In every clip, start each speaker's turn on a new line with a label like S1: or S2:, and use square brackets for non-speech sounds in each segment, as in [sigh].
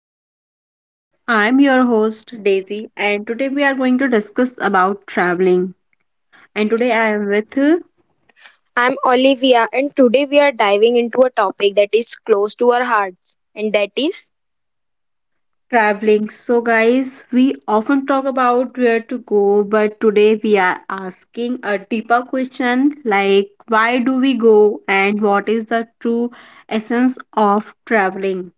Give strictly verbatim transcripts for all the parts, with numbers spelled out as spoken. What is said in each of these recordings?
S1: podcast. I'm your host, Daisy, and today we are going to discuss about traveling. And today I am with uh,
S2: I'm Olivia, and today we are diving into a topic that is close to our hearts, and that is
S1: traveling. So, guys, we often talk about where to go, but today we are asking a deeper question like, why do we go, and what is the true essence of traveling?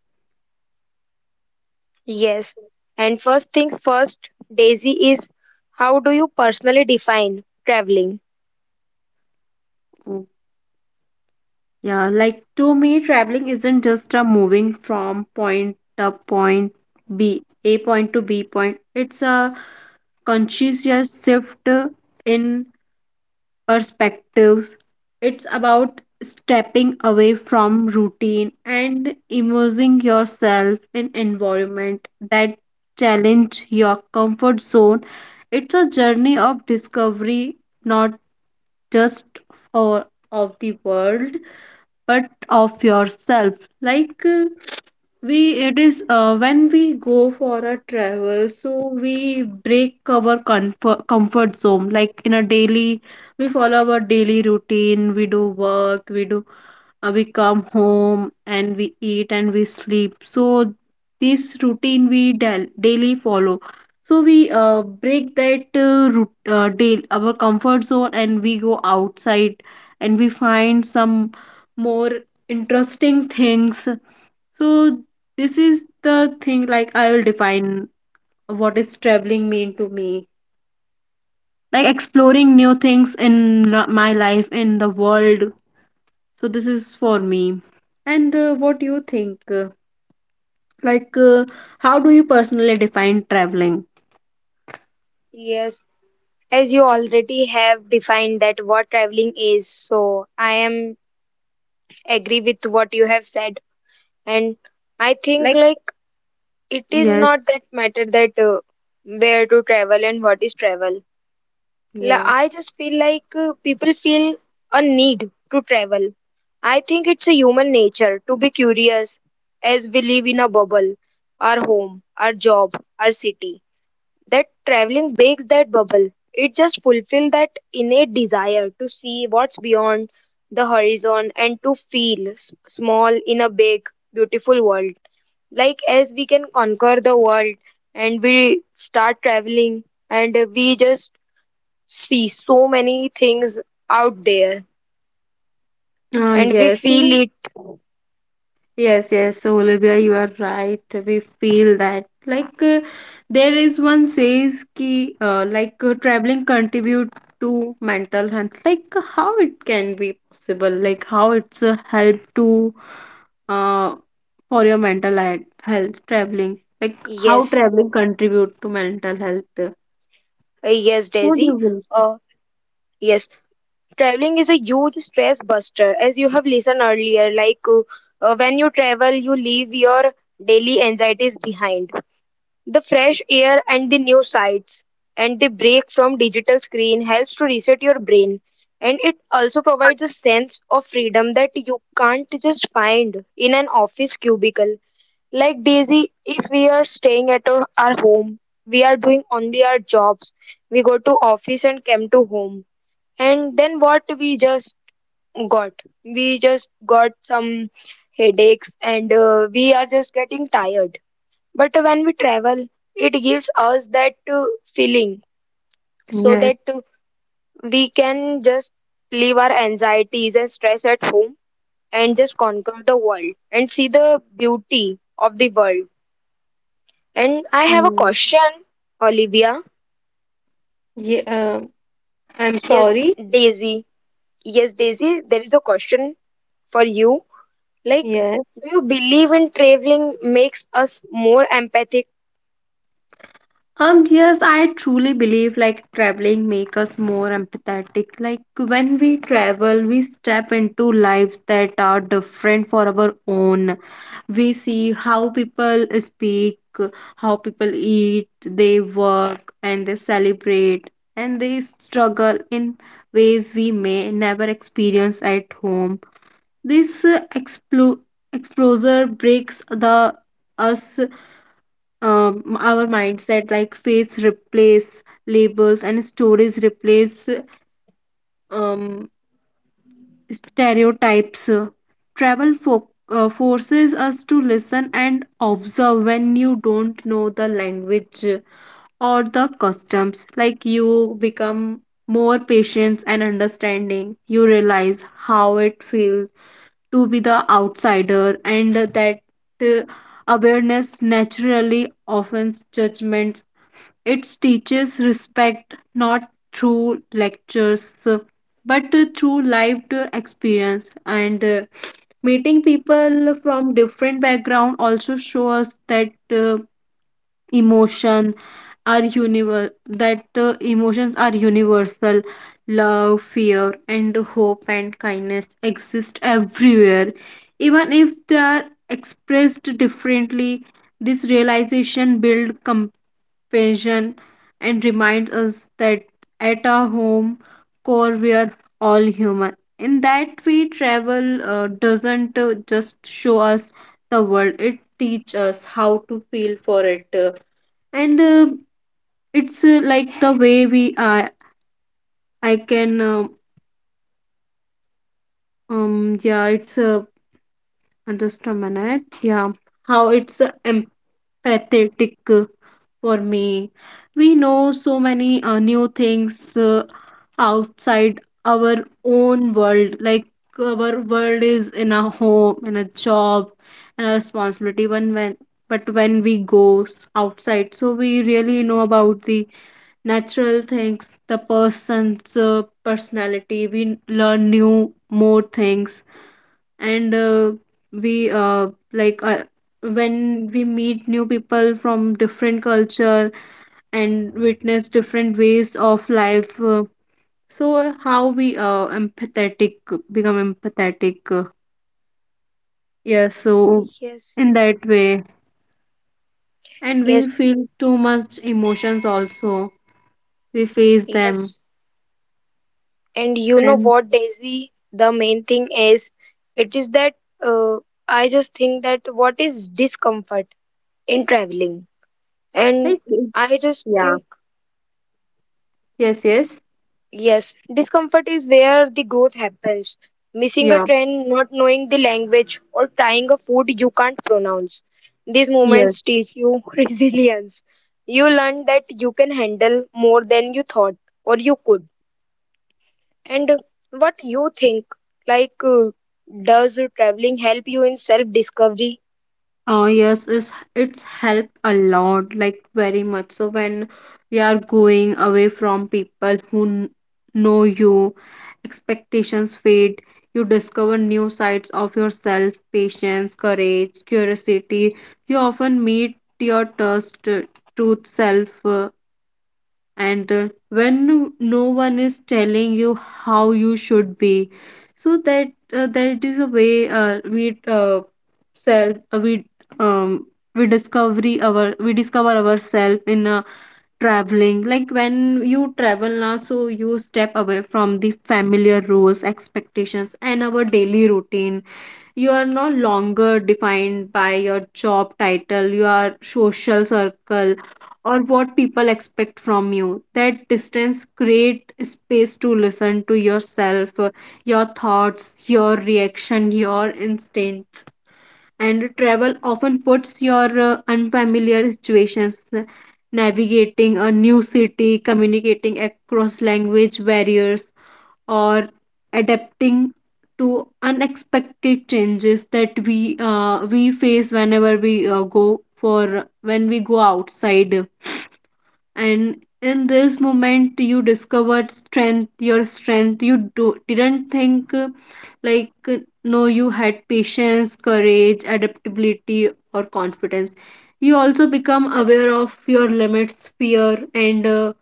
S2: yes. And first things first, Daisy, is how do you personally define traveling?
S1: Yeah, like to me, traveling isn't just a moving from point A point B, A point to B point. It's a conscious shift in perspectives. It's about stepping away from routine and immersing yourself in environment that challenge your comfort zone. It's a journey of discovery, not just or of the world but of yourself, like uh, we it is uh, when we go for a travel, so we break our comfort, comfort zone. Like in a daily we follow our daily routine, we do work, we do uh, we come home and we eat and we sleep. So this routine we dal- daily follow. So we uh, break that uh, root, uh, daily our comfort zone, and we go outside and we find some more interesting things. So this is the thing, like I will define what is traveling mean to me. Like exploring new things in la- my life, in the world. So this is for me. And uh, what do you think? Uh, Like uh, how do you personally define traveling?
S2: Yes, as you already have defined that what traveling is, so I am agree with what you have said, and I think
S1: Like,
S2: like it is not
S1: yes,
S2: that matter that uh, where to travel and what is travel La-
S1: yeah.
S2: I just feel like uh, people feel a need to travel. I think it's a human nature to be curious as we live in a bubble, our home, our job, our city. That traveling breaks that bubble. It just fulfills that innate desire to see what's beyond the horizon and to feel s- small in a big, beautiful world. Like as we can conquer the world and we start traveling and we just see so many things out there
S1: Ah,
S2: and we
S1: yes.
S2: feel it
S1: Yes, yes, so Olivia, you are right. We feel that. Like, uh, there is one says ki, uh, like, uh, traveling contribute to mental health. Like, how it can be possible? Like, how it's a help to, uh, for your mental he- health, traveling. Like, how
S2: yes,
S1: traveling contribute to mental health.
S2: uh, yes
S1: What do
S2: Daisy,
S1: you will say?
S2: uh, yes, traveling is a huge stress buster as you have listened earlier like uh, uh, when you travel you leave your daily anxieties behind, the fresh air and the new sights and the break from digital screen helps to reset your brain, and it also provides a sense of freedom that you can't just find in an office cubicle. Like Daisy, if we are staying at our, our home, we are doing only our jobs. We go to office and come to home. And then what we just got? We just got some headaches, and uh, we are just getting tired. But when we travel, it gives us that uh, feeling, so that
S1: Yes.
S2: uh, we can just leave our anxieties and stress at home and just conquer the world and see the beauty of the world. And I have a
S1: Mm.
S2: question, Olivia.
S1: Yeah, um I'm
S2: Yes,
S1: sorry.
S2: Daisy. Yes, Daisy, there is a question for you. Like,
S1: Yes.
S2: do you believe in traveling makes us more empathic?
S1: Um, yes, I truly believe like traveling make us more empathetic. Like when we travel, we step into lives that are different for our own. We see how people speak, how people eat, they work, and they celebrate, and they struggle in ways we may never experience at home. This uh, explo- exposure breaks the us, um, our mindset, like face replace labels and stories replace um, stereotypes. Travel fo- uh, forces us to listen and observe. When you don't know the language or the customs, like you become more patient and understanding. You realize how it feels to be the outsider, and that uh, awareness naturally offends judgment. It teaches respect, not through lectures but through lived experience. And uh, meeting people from different background also show us that uh, emotion are univer that uh, emotions are universal. Love, fear, and hope, and kindness exist everywhere, even if they are expressed differently. This realization build passion, and reminds us that at our home core we are all human. In that we travel uh, doesn't uh, just show us the world, it teach us how to feel for it. Uh, and uh, It's uh, like the way we are. I can uh, um yeah, it's uh, just a minute. Yeah, how it's uh, empathetic uh, for me. We know so many uh, new things uh, outside our own world. Like our world is in a home, in a job, and a responsibility. When when But when we go outside, so we really know about the natural things, the person's uh, personality. We learn new more things, and uh, we uh, like. Uh, when we meet new people from different culture and witness different ways of life, uh, so uh, how we uh, empathetic become empathetic. Uh, yeah, so
S2: Yes,
S1: in that way, and we
S2: yes,
S1: feel too much emotions also. We face them
S2: yes. And you know
S1: and
S2: what, Daisy? The main thing is, it is that uh, I just think that what is discomfort in traveling? And
S1: like,
S2: I just
S1: yeah.
S2: think
S1: Yes. Yes.
S2: yes, discomfort is where the growth happens. Missing a
S1: Yeah.
S2: train, not knowing the language, or trying a food you can't pronounce. These moments
S1: Yes.
S2: teach you [laughs] resilience. You learn that you can handle more than you thought or you could. And what you think, like, uh, does traveling help you in self discovery?
S1: Uh, yes, it's, it's helped a lot, like very much. So when we are going away from people who n- know you, expectations fade. You discover new sides of yourself, patience, courage, curiosity. You often meet your trust, uh, truth self. Uh, and uh, When no one is telling you how you should be, so that uh, that is a way uh, we uh, self uh, we um we discovery our we discover ourselves in uh, traveling. Like when you travel now, so you step away from the familiar rules, expectations, and our daily routine. You are no longer defined by your job title, your social circle, or what people expect from you. That distance create space to listen to yourself, your thoughts, your reaction, your instinct. And travel often puts your uh, unfamiliar situations, uh, navigating a new city, communicating across language barriers, or adapting to unexpected changes that we uh, we face whenever we uh, go for when we go outside. And in this moment you discovered strength, your strength you do, didn't think, uh, like uh, no, you had patience, courage, adaptability, or confidence. You also become aware of your limits, fear, and uh,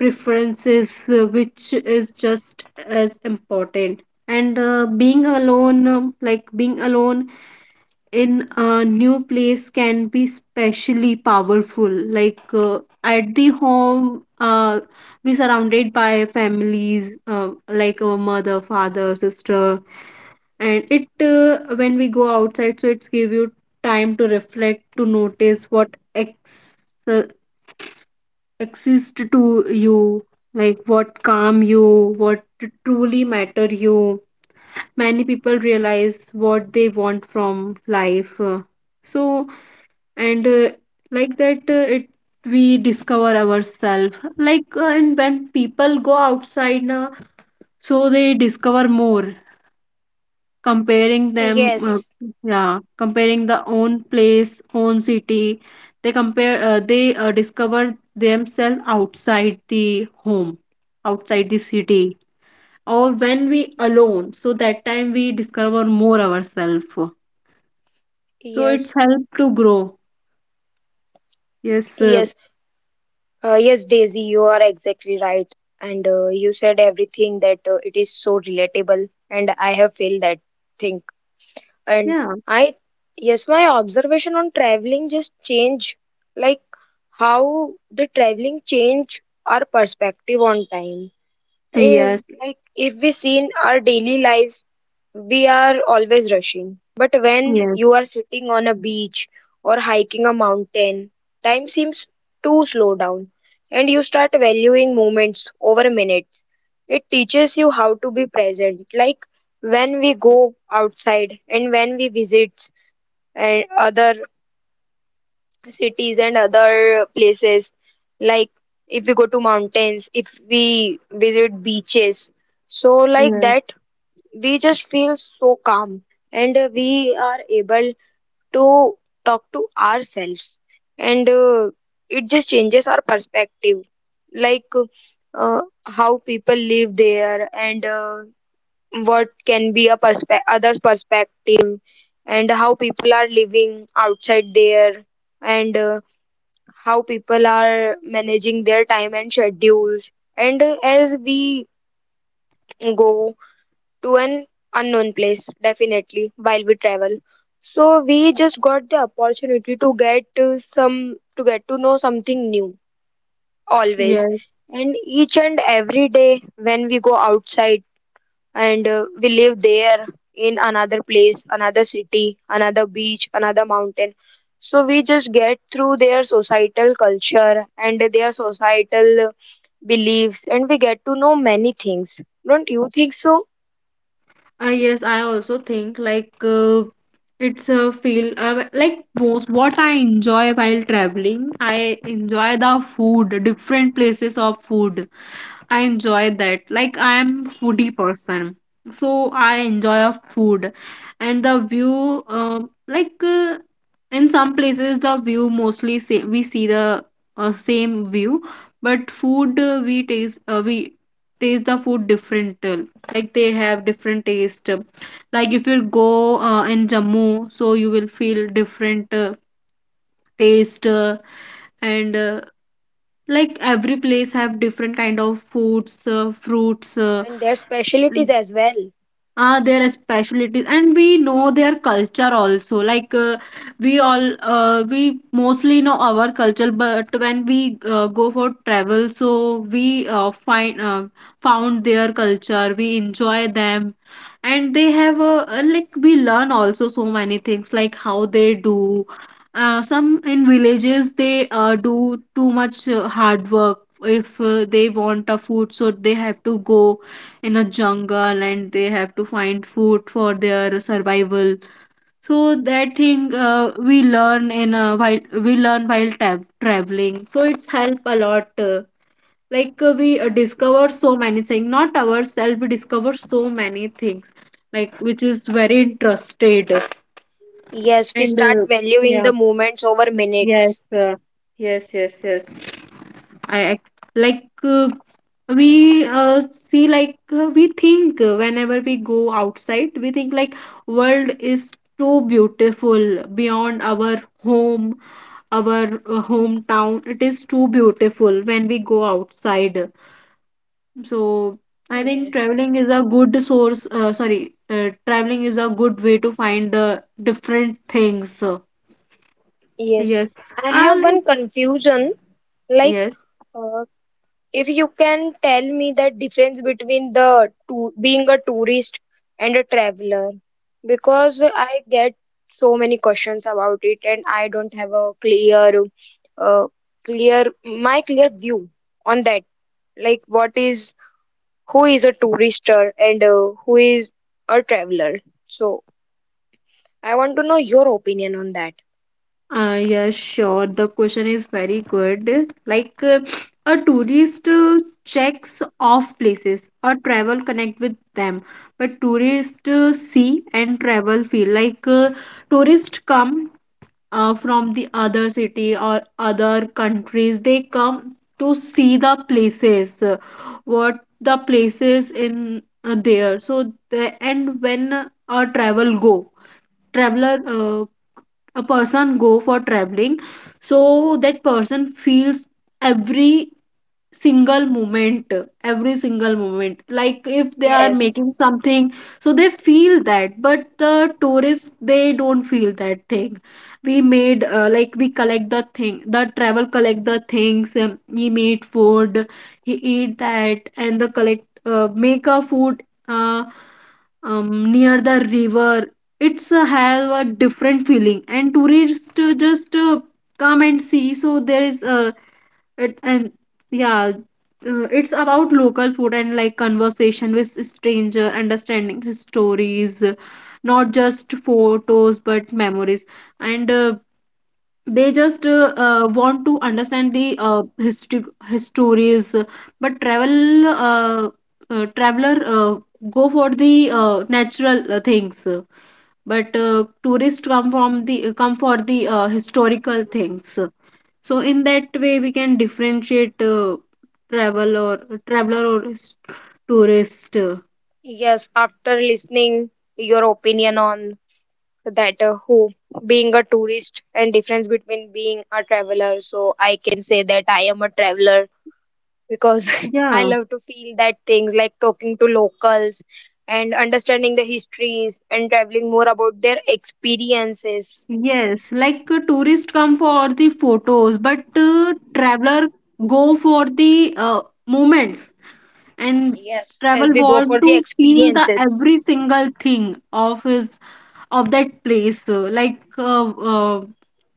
S1: preferences, uh, which is just as important. And uh, being alone um, like being alone in a new place can be specially powerful. Like uh, at the home uh, we surrounded by families, uh, like our mother, father, sister. And it uh, when we go outside, so it's give you time to reflect, to notice what ex- uh, exists to you, like what calm you, what truly matter you. Many people realize what they want from life. Uh, so and uh, Like that uh, it we discover ourselves. Like uh, and when people go outside now, so they discover more, comparing them. uh,
S2: Yes,
S1: yeah, comparing the own place, own city, they compare, uh, they uh, discover themselves outside the home, outside the city, or when we alone, so that time we discover more ourselves. So
S2: yes,
S1: it's help to grow. Yes. Uh,
S2: yes. Uh, yes, Daisy, you are exactly right. And uh, you said everything that uh, it is so relatable, and I have felt that thing. And
S1: yeah,
S2: I, yes, my observation on traveling just change, like how the traveling change our perspective on time. If,
S1: yes,
S2: like if we see in our daily lives we are always rushing. But when you
S1: yes.
S2: are sitting on a beach or hiking a mountain, time seems to slow down and you start valuing moments over minutes. It teaches you how to be present, like when we go outside and when we visit and other cities and other places, like if we go to mountains, if we visit beaches. So like that
S1: Yes,
S2: we just feel so calm, and uh, we are able to talk to ourselves, and uh, it just changes our perspective, like uh, how people live there, and uh, what can be a perspe- other perspective, and how people are living outside there, and uh, how people are managing their time and schedules, and uh, as we go to an unknown place definitely while we travel, so we just got the opportunity to get uh, some to get to know something new always,
S1: yes.
S2: and each and every day when we go outside and uh, we live there in another place, another city, another beach, another mountain, so we just get through their societal culture and their societal beliefs, and we get to know many things. Don't you think so?
S1: Uh, yes, I also think like uh, it's a feel uh, like most what I enjoy while traveling. I enjoy the food, different places of food. I enjoy that. Like I am foodie person, so I enjoy a food, and the view. Uh, like uh, in some places, the view mostly say we see the uh, same view, but food, uh, we taste uh, we taste the food different. uh, Like they have different taste. Like if you go uh, in Jammu, so you will feel different uh, taste. Uh, and uh, Like every place have different kind of foods, uh, fruits. Uh,
S2: And their specialties as well.
S1: uh, their specialties, and we know their culture also. Like uh, we all uh, we mostly know our culture, but when we uh, go for travel, so we uh, find uh, found their culture, we enjoy them. And they have a, uh, like we learn also so many things, like how they do. Uh, some in villages they uh, do too much uh, hard work. If uh, they want a food, so they have to go in a jungle and they have to find food for their survival. So that thing uh, we learn in uh, while we learn while ta- traveling. So it's help a lot. Uh, like uh, we uh, Discover so many things, not ourselves, we discover so many things, like which is very interested.
S2: Yes, we
S1: And
S2: start
S1: uh,
S2: valuing
S1: Yeah,
S2: the moments over minutes.
S1: yes, uh, yes, yes, yes. I act Like uh, we uh, see, like uh, we think uh, whenever we go outside we think like world is so beautiful beyond our home, our uh, hometown. It is too beautiful when we go outside. So I think
S2: Yes,
S1: traveling is a good source uh, sorry uh, traveling is a good way to find uh, different things.
S2: yes.
S1: Yes.
S2: I
S1: uh,
S2: have
S1: like,
S2: one confusion. Like,
S1: yes.
S2: uh, if you can tell me the difference between the to being a tourist and a traveler, because I get so many questions about it, and I don't have a clear, uh, clear my clear view on that. Like, what is who is a tourister and uh, who is a traveler. So I want to know your opinion on that.
S1: Uh, yeah, sure. The question is very good. Like, uh, a tourist uh, checks off places or travel connect with them, but tourists uh, see and travel feel. Like uh, tourists come, uh, from the other city or other countries. They come to see the places, uh, what the places in uh, there. So the, and when uh, a travel go traveler, uh, a person go for traveling, so that person feels every single moment, every single moment. Like if they are
S2: Yes,
S1: making something, so they feel that, but the tourists they don't feel that thing. We made, uh, like we collect the thing, the travel collect the things, um, he made food, he eat that and the collect uh, make a food uh, um, near the river. It's uh, have a different feeling. And tourists uh, just uh, come and see, so there is uh, it, and yeah, uh, it's about local food and like conversation with stranger, understanding his stories. Uh, not just photos but memories. And uh, they just uh, uh, want to understand the uh, history histories. Uh, but travel uh, uh, Traveler uh, go for the uh, natural uh, things, but uh, tourists come from the come for the uh, historical things. So in that way we can differentiate, uh, travel or traveler or s- tourist. Uh,
S2: yes. After listening your opinion on that, uh, who being a tourist and difference between being a traveler, so I can say that I am a traveler because [laughs] I
S1: yeah.
S2: love to feel that things like talking to locals and understanding the histories and traveling more about their experiences.
S1: Yes, like uh, tourists come for the photos, but uh, traveler go for the uh, moments, and
S2: Yes, as
S1: travel
S2: we go for
S1: want
S2: the
S1: to feel the
S2: experiences.
S1: every single thing of his of that place, uh, like uh, uh,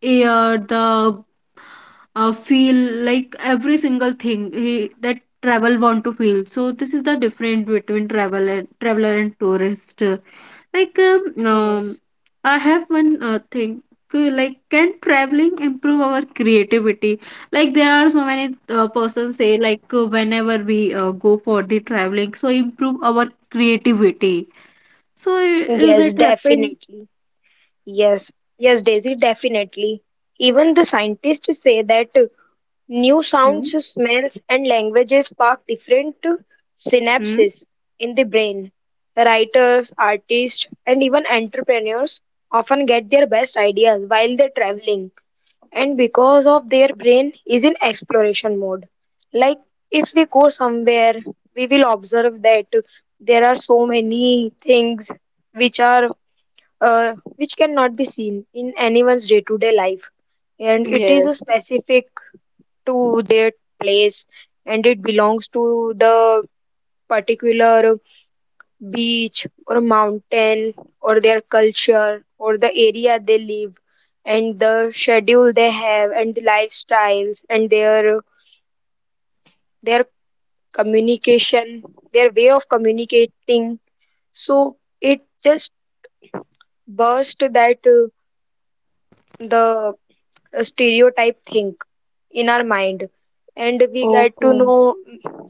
S1: air, the uh, feel, like every single thing he, that travel want to feel. So this is the difference between travel and traveler and tourist. Like, um,
S2: Yes,
S1: um, I have one uh, thing. uh, Like, can traveling improve our creativity? Like, there are so many uh, persons say like, uh, whenever we uh, go for the traveling, so improve our creativity. So i- is
S2: yes,
S1: it happen?
S2: definitely. Yes, yes, Daisy, definitely. Even the scientists say that uh, new
S1: Hmm?
S2: sounds, smells, and languages spark different uh,
S1: Hmm?
S2: synapses in the brain. Writers, artists, and even entrepreneurs often get their best ideas while they're traveling, and because of their brain is in exploration mode. Like if we go somewhere we will observe that there are so many things which are uh, which cannot be seen in anyone's day to day life, and it is
S1: Yes.
S2: specific to their place, and it belongs to the particular beach or mountain or their culture or the area they live and the schedule they have and the lifestyles and their their communication, their way of communicating. So it just burst that uh, the stereotype thing in our mind, and we get to
S1: Okay.
S2: know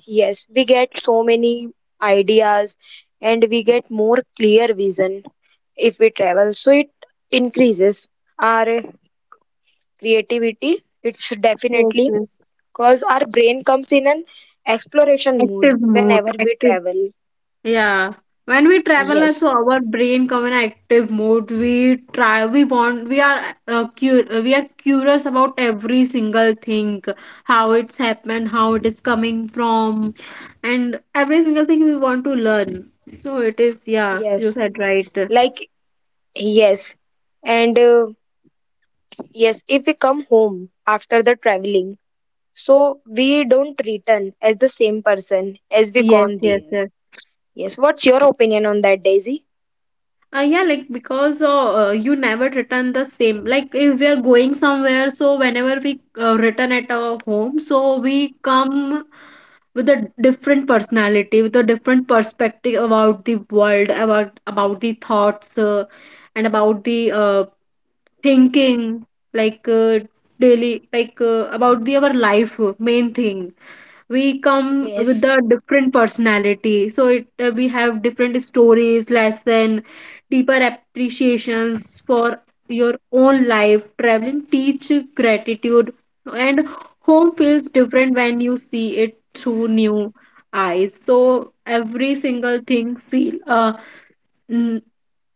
S2: yes, we get so many ideas, and we get more clear vision if we travel, so it increases our creativity, it's
S1: Yes,
S2: definitely
S1: yes.
S2: because our brain comes in an exploration mood
S1: Active mode,
S2: whenever we
S1: active.
S2: travel.
S1: Yeah. When we travel
S2: Yes,
S1: also our brain come in active mode. We try we want, we are uh, cu- uh, we are curious about every single thing, how it's happened, how it is coming from, and every single thing we want to learn. So it is, yeah, you
S2: yes,
S1: said right.
S2: like yes. And uh, yes, if we come home after the traveling, so we don't return as the same person as we
S1: Yes,
S2: gone there.
S1: yes, yes.
S2: Yes, what's your opinion on that, Daisy?
S1: Uh, yeah, like because uh, uh, you never return the same. Like if we are going somewhere, so whenever we uh, return at our home, so we come with a different personality, with a different perspective about the world, about about the thoughts, uh, and about the uh, thinking, like uh, daily, like uh, about the our life uh, main thing. We come with
S2: Yes,
S1: the different personality, so it, uh, we have different stories, lesson, deeper appreciations for your own life. Traveling teach gratitude, and home feels different when you see it through new eyes. So every single thing feel uh,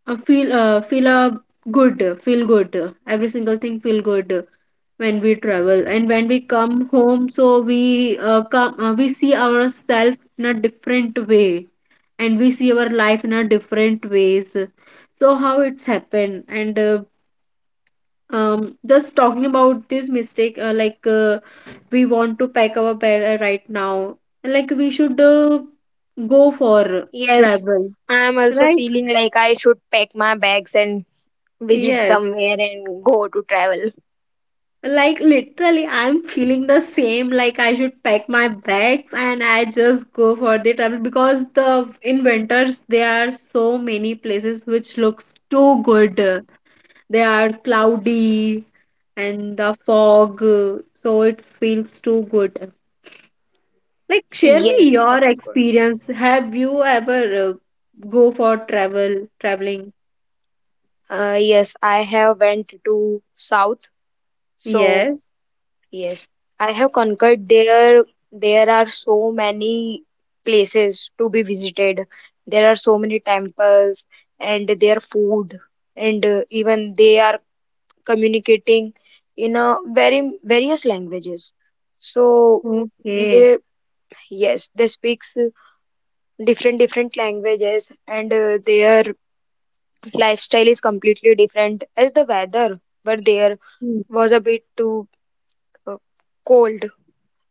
S1: uh, feel uh, feel uh, good, feel good, every single thing feel good when we travel. And when we come home, so we uh, come uh, we see ourselves in a different way, and we see our life in a different ways. So how it's happened. And uh, um, just talking about this mistake, uh, like uh, we want to pack our bag uh, right now. Like we should uh, go for
S2: yes.
S1: travel,
S2: I'm also
S1: right?
S2: feeling like I should pack my bags and visit
S1: Yes.
S2: somewhere and go to travel.
S1: Like literally, I'm feeling the same. Like I should pack my bags and I just go for the travel, because the in winters there are so many places which looks too good. They are cloudy and the fog, so it feels too good. Like share me
S2: Yes, of
S1: your
S2: course.
S1: experience. Have you ever uh, go for travel, traveling?
S2: Uh, yes, I have went to South, so
S1: Yes.
S2: yes, I have conquered there. There are so many places to be visited. There are so many temples and their food, and uh, even they are communicating in a very various languages. So
S1: Okay.
S2: they yes, they speaks uh, different different languages, and uh, their lifestyle is completely different. As the weather but there
S1: Hmm.
S2: was a bit too uh, cold,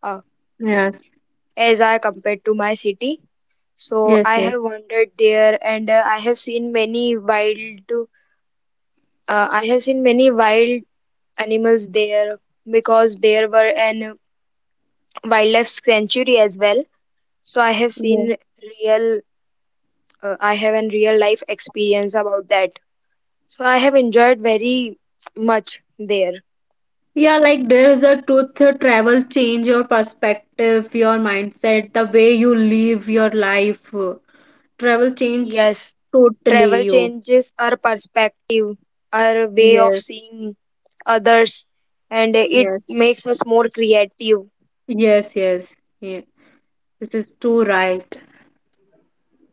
S2: uh,
S1: Yes.
S2: as I compared to my city. So
S1: Yes.
S2: I
S1: Yes.
S2: have wandered there, and uh, I have seen many wild uh, I have seen many wild animals there because there were an wildlife sanctuary as well. So I have
S1: Yes.
S2: seen real uh, I have an real life experience about that. So I have enjoyed very much there.
S1: Yeah, like there is a truth, uh, travel change your perspective, your mindset, the way you live your life. uh, Travel change
S2: Yes.
S1: totally
S2: Travel
S1: you.
S2: changes our perspective, our way of
S1: Yes,
S2: seeing others, and it
S1: yes,
S2: makes us more creative.
S1: yes, yes. Yeah, this is too right.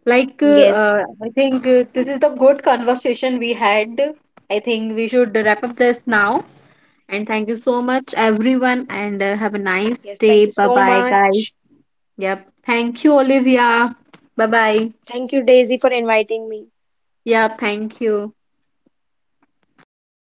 S1: Like uh,
S2: Yes,
S1: uh, I think uh, this is the good conversation we had. I think we should wrap up this now. And thank you so much, everyone, and uh, have a nice
S2: yes, thank
S1: day.
S2: you
S1: Bye
S2: so
S1: bye,
S2: much.
S1: guys. Yep. Thank you, Olivia. Bye bye.
S2: Thank you, Daisy, for inviting me.
S1: Yeah, thank you.